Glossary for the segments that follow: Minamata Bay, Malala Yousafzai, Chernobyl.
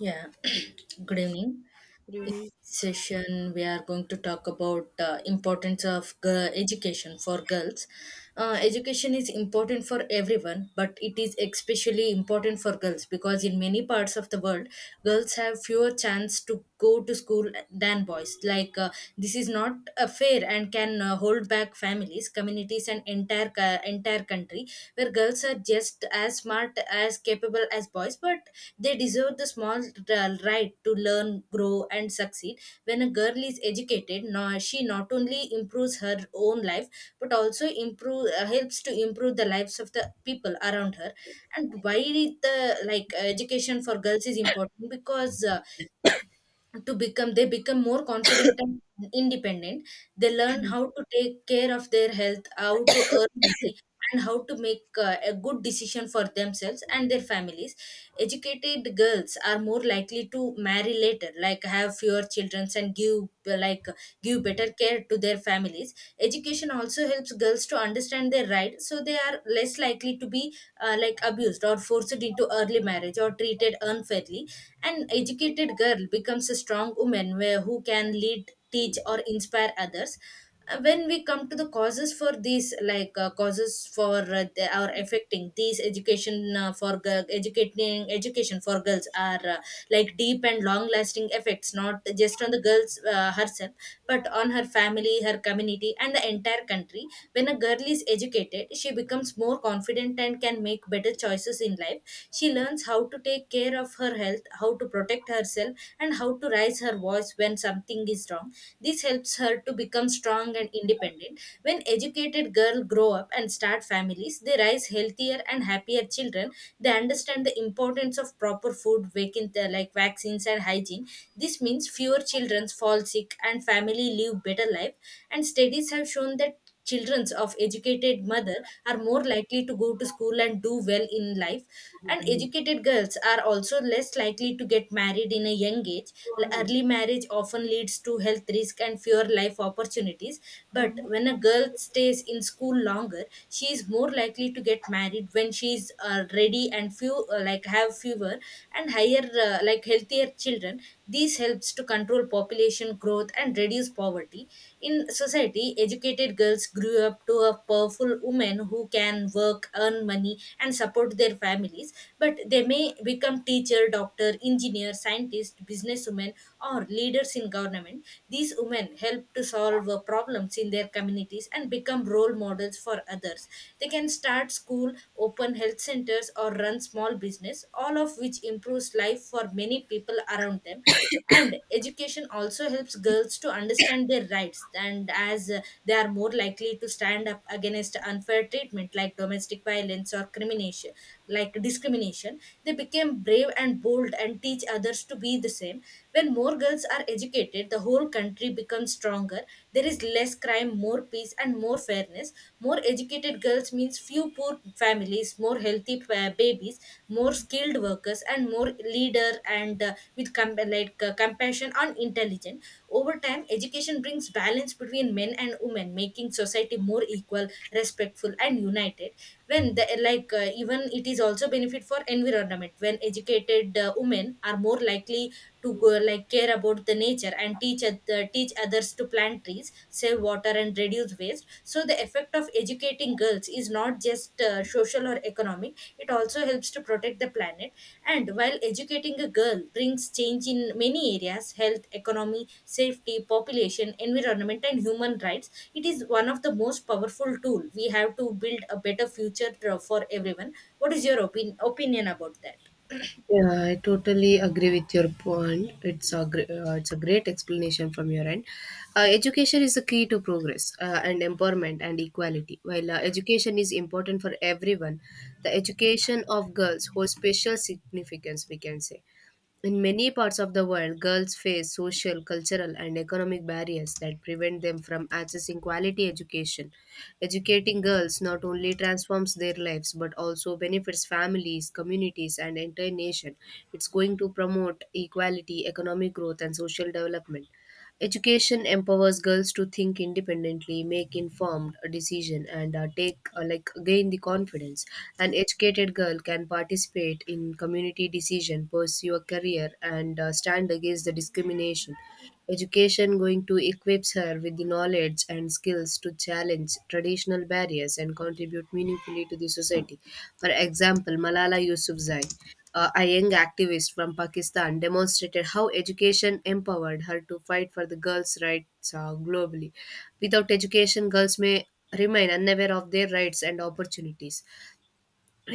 Yeah, good evening. In Really. this session, we are going to talk about importance of education for girls. Education is important for everyone, but it is especially important for girls because in many parts of the world, girls have fewer chance to go to school than boys. Like this is not fair and can hold back families, communities, and entire country where girls are just as smart as capable as boys, but they deserve the small right to learn, grow, and succeed. When a girl is educated, she not only improves her own life but also improve helps to improve the lives of the people around her. And why the like education for girls is important because to become they become more confident and independent. They learn how to take care of their health, how to earn money, and how to make a good decision for themselves and their families. Educated girls are more likely to marry later, like have fewer children and give uh, like give better care to their families. Education also helps girls to understand their rights, so they are less likely to be abused or forced into early marriage or treated unfairly. An educated girl becomes a strong woman where, who can lead, teach, or inspire others. When we come to the causes for these, like causes for they are affecting these education for girl, educating education for girls are like deep and long-lasting effects, not just on the girls herself, but on her family, her community, and the entire country. When a girl is educated, she becomes more confident and can make better choices in life. She learns how to take care of her health, how to protect herself, and how to raise her voice when something is wrong. This helps her to become strong and independent. When educated girls grow up and start families, they raise healthier and happier children. They understand the importance of proper food, vacant, like vaccines and hygiene. This means fewer children fall sick and family live better life. And studies have shown that children of educated mother are more likely to go to school and do well in life, and educated girls are also less likely to get married in a young age. Early marriage often leads to health risk and fewer life opportunities. But when a girl stays in school longer, she is more likely to get married when she is ready and few like have fewer and higher like healthier children. This helps to control population growth and reduce poverty. In society, educated girls grew up to a powerful women who can work, earn money, and support their families, but they may become teacher, doctor, engineer, scientist, businesswoman, or leaders in government. These women help to solve problems in their communities and become role models for others. They can start school, open health centers, or run small business, all of which improves life for many people around them. And education also helps girls to understand their rights, and as they are more likely to stand up against unfair treatment like domestic violence or crimination like discrimination, they became brave and bold and teach others to be the same. When more girls are educated, the whole country becomes stronger. There is less crime, more peace, and more fairness. More educated girls means few poor families, more healthy babies, more skilled workers, and more leader and with compassion and intelligent. Over time, education brings balance between men and women, making society more equal, respectful, and united. When the even it is also benefit for environment, when educated women are more likely to go like care about the nature and teach teach others to plant trees, save water, and reduce waste. So the effect of educating girls is not just social or economic, it also helps to protect the planet. And while educating a girl brings change in many areas: health, economy, safety, population, environment, and human rights, it is one of the most powerful tool we have to build a better future for everyone. What is your opinion about that? Yeah, I totally agree with your point. It's a great explanation from your end. Education is the key to progress and empowerment and equality. While education is important for everyone, the education of girls holds special significance. We can say in many parts of the world, girls face social, cultural, and economic barriers that prevent them from accessing quality education. Educating girls not only transforms their lives but also benefits families, communities, and entire nation. It's going to promote equality, economic growth, and social development. Education empowers girls to think independently, make informed decision, and take like gain the confidence. An educated girl can participate in community decision, pursue a career, and stand against the discrimination. Education going to equips her with the knowledge and skills to challenge traditional barriers and contribute meaningfully to the society. For example, Malala Yousafzai. A young activist from Pakistan demonstrated how education empowered her to fight for the girls' rights globally. Without education, girls may remain unaware of their rights and opportunities.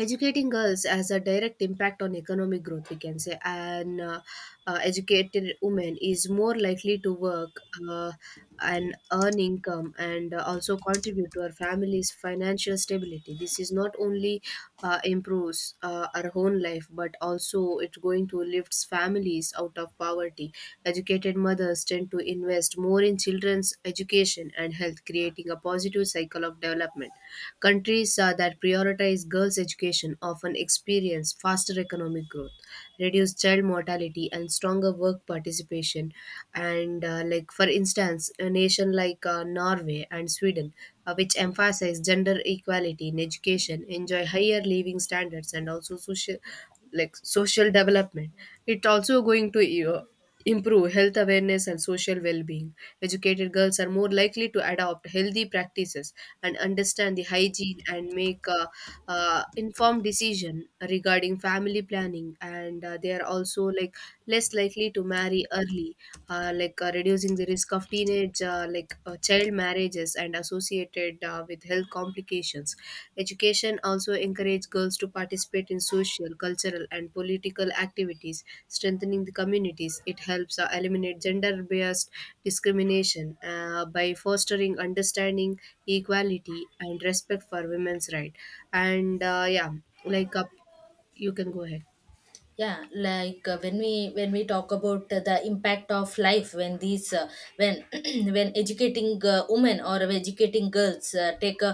Educating girls has a direct impact on economic growth. We can say an educated woman is more likely to work uh, and earn income, and also contribute to her family's financial stability. This is not only improves our own life but also it's going to lifts families out of poverty. Educated mothers tend to invest more in children's education and health, creating a positive cycle of development. Countries that prioritize girls' education often experience faster economic growth, reduced child mortality, and stronger work participation. And like, for instance, a nation like Norway and Sweden, which emphasize gender equality in education, enjoy higher living standards and also social, like, social development. It's also going to improve health awareness and social well-being. Educated girls are more likely to adopt healthy practices and understand the hygiene and make informed decision regarding family planning, and they are also like less likely to marry early, reducing the risk of teenage child marriages and associated with health complications. Education also encourages girls to participate in social, cultural, and political activities, strengthening the communities. It helps eliminate gender based discrimination by fostering understanding, equality, and respect for women's rights. And yeah, like up, you can go ahead. Yeah, like when we talk about the impact of life when these when when educating women or educating girls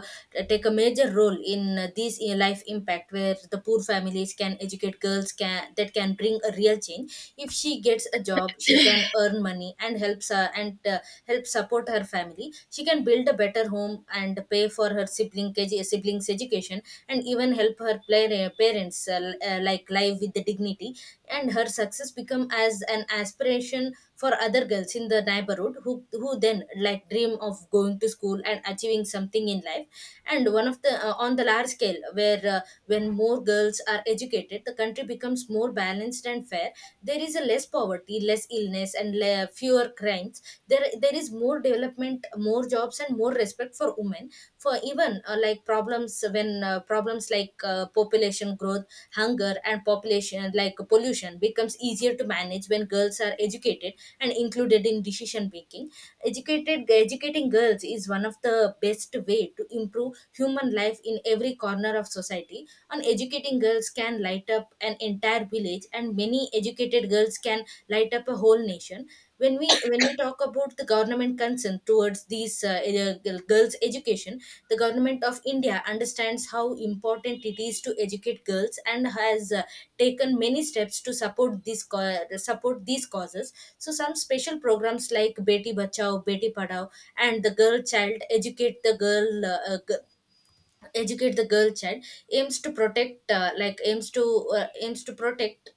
take a major role in these in life impact, where the poor families can educate girls can that can bring a real change. If she gets a job, she can earn money and helps her, and help support her family. She can build a better home and pay for her siblings education, and even help her parents live with the dignity. And her success become as an aspiration for other girls in the neighborhood who then like dream of going to school and achieving something in life. And one of the on the large scale, where when more girls are educated, the country becomes more balanced and fair. There is a less poverty, less illness, and fewer crimes. There is more development, more jobs, and more respect for women. For even problems, when problems like population growth, hunger, and population like pollution becomes easier to manage when girls are educated and included in decision making. Educated Educating girls is one of the best way to improve human life in every corner of society. On educating girls can light up an entire village, and many educated girls can light up a whole nation. When we talk about the government concern towards these girls' education, the government of India understands how important it is to educate girls and has taken many steps to support support these causes. So some special programs like Beti Bachao, Beti Padhao, and the Girl Child Educate the Girl Child aims to aims to protect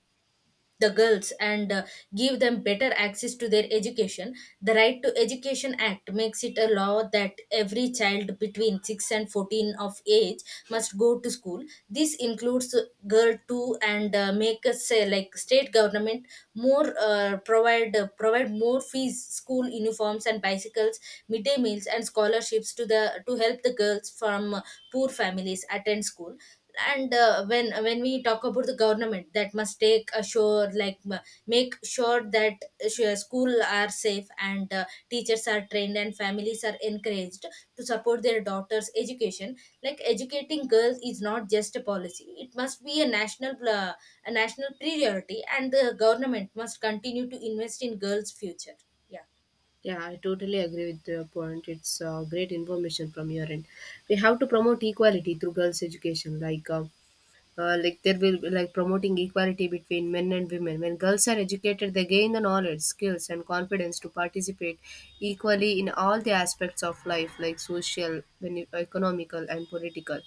the girls and give them better access to their education. The right to education act makes it a law that every child between 6 and 14 of age must go to school. This includes girl too, and make us say like state government more provide more fees, school uniforms, and bicycles, midday meals, and scholarships to help the girls from poor families attend school. And when we talk about the government that must take a sure like make sure that school are safe, and teachers are trained, and families are encouraged to support their daughters education. Like educating girls is not just a policy, it must be a national priority, and the government must continue to invest in girls future. Yeah. Yeah, I totally agree with your point. It's great information from your end. We have to promote equality through girls' education. Like, there will be like promoting equality between men and women. When girls are educated, they gain the knowledge, skills, and confidence to participate equally in all the aspects of life, like social, economical, and political.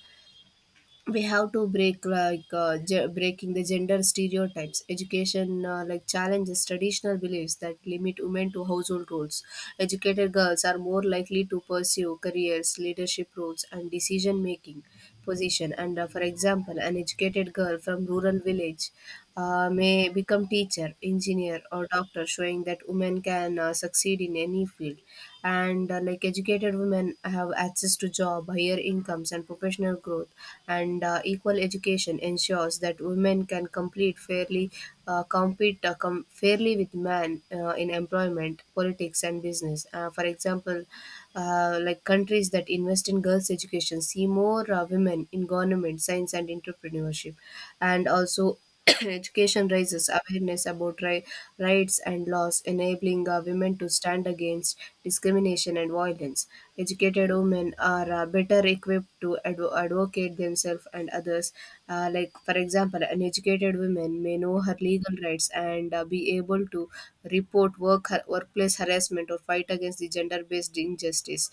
We have to break, breaking the gender stereotypes. Education like challenges traditional beliefs that limit women to household roles. Educated girls are more likely to pursue careers, leadership roles, and decision making position. And for example, an educated girl from rural village may become teacher, engineer, or doctor, showing that women can succeed in any field. And like, educated women have access to job, higher incomes, and professional growth. And equal education ensures that women can complete fairly compete fairly with men in employment, politics, and business. For example, like, countries that invest in girls education see more women in government, science, and entrepreneurship. And also education raises awareness about rights and laws, enabling women to stand against discrimination and violence. Educated women are better equipped to advocate themselves and others. Like, for example, an educated woman may know her legal rights and be able to report workplace harassment or fight against the gender based injustice.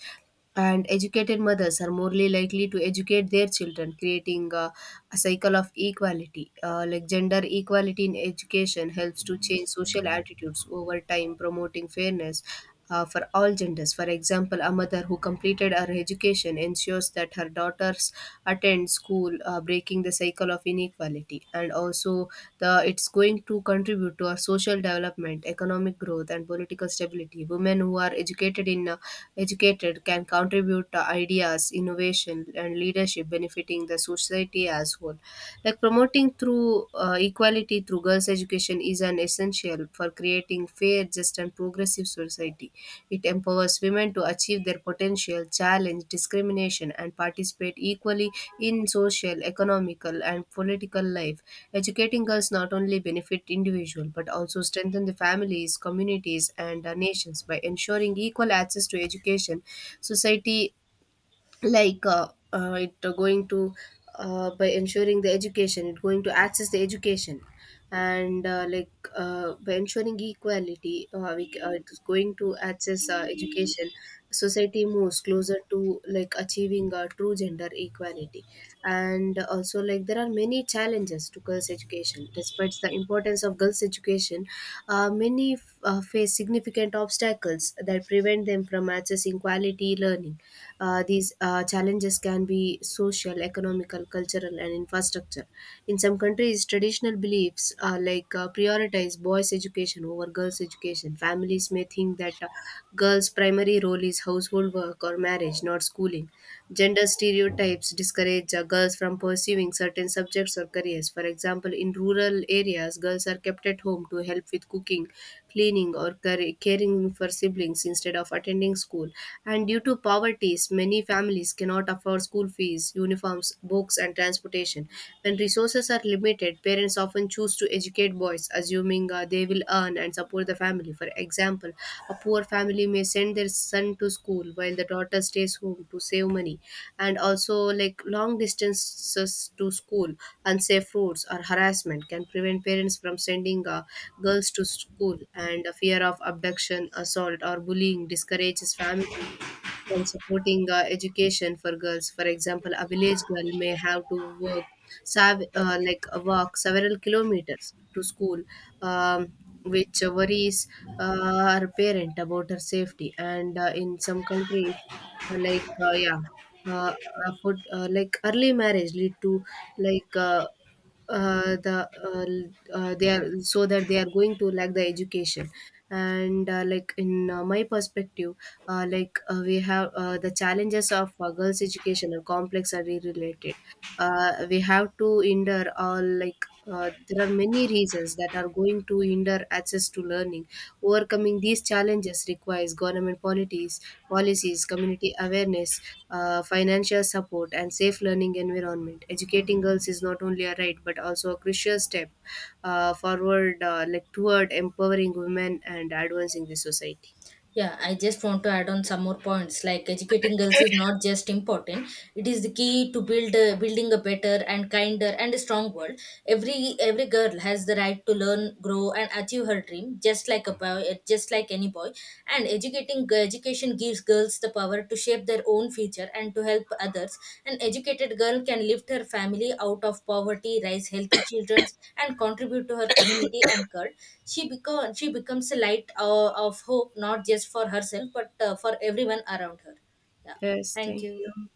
And educated mothers are more likely to educate their children, creating a cycle of equality. Like, gender equality in education helps to change social attitudes over time, promoting fairness for all genders. For example, a mother who completed her education ensures that her daughters attend school, breaking the cycle of inequality. And also, the it's going to contribute to our social development, economic growth, and political stability. Women who are educated can contribute to ideas, innovation, and leadership, benefiting the society as whole. Like, promoting through equality through girls education is an essential for creating fair, just, and progressive society. It empowers women to achieve their potential, challenge discrimination, and participate equally in social, economical, and political life. Educating girls not only benefit individual but also strengthen the families, communities, and nations by ensuring equal access to education. Society like it going to by ensuring the education it going to access the education and like By ensuring equality, it's going to access education. Society moves closer to like achieving true gender equality. And also like, there are many challenges to girls education. Despite the importance of girls education, face significant obstacles that prevent them from accessing quality learning. These challenges can be social, economical, cultural, and infrastructure. In some countries, traditional beliefs prioritize boys' education over girls' education. Families may think that girls' primary role is household work or marriage, not schooling. Gender stereotypes discourage girls from pursuing certain subjects or careers. For example, in rural areas, girls are kept at home to help with cooking, cleaning, or caring for siblings instead of attending school. And due to poverty, many families cannot afford school fees, uniforms, books, and transportation. When resources are limited, parents often choose to educate boys, assuming they will earn and support the family. For example, a poor family may send their son to school while the daughter stays home to save money. And also, like, long distances to school, unsafe roads, or harassment can prevent parents from sending girls to school, and a fear of abduction, assault, or bullying discourages families from supporting education for girls. For example, a village girl may have to work, walk several kilometers to school, um, which worries her parent about her safety. And in some countries, yeah, uh, like, early marriage lead to like. Uh, the uh, they are so that they are going to lack the education. And like, in my perspective, we have the challenges of girls education are complex, are related. We have to endure all. There are many reasons that are going to hinder access to learning. Overcoming these challenges requires government policies, community awareness, financial support, and safe learning environment. Educating girls is not only a right but also a crucial step forward, like toward empowering women and advancing the society. Yeah, I just want to add on some more points. Like educating girls is not just important; it is the key to building a better and kinder and a strong world. Every girl has the right to learn, grow, and achieve her dream, just like a boy, just like any boy. And educating education education gives girls the power to shape their own future and to help others. An educated girl can lift her family out of poverty, raise healthy children, and contribute to her community and cult. She becomes a light of hope, not just for herself but for everyone around her. Yeah. Yes, Thank thank you. you.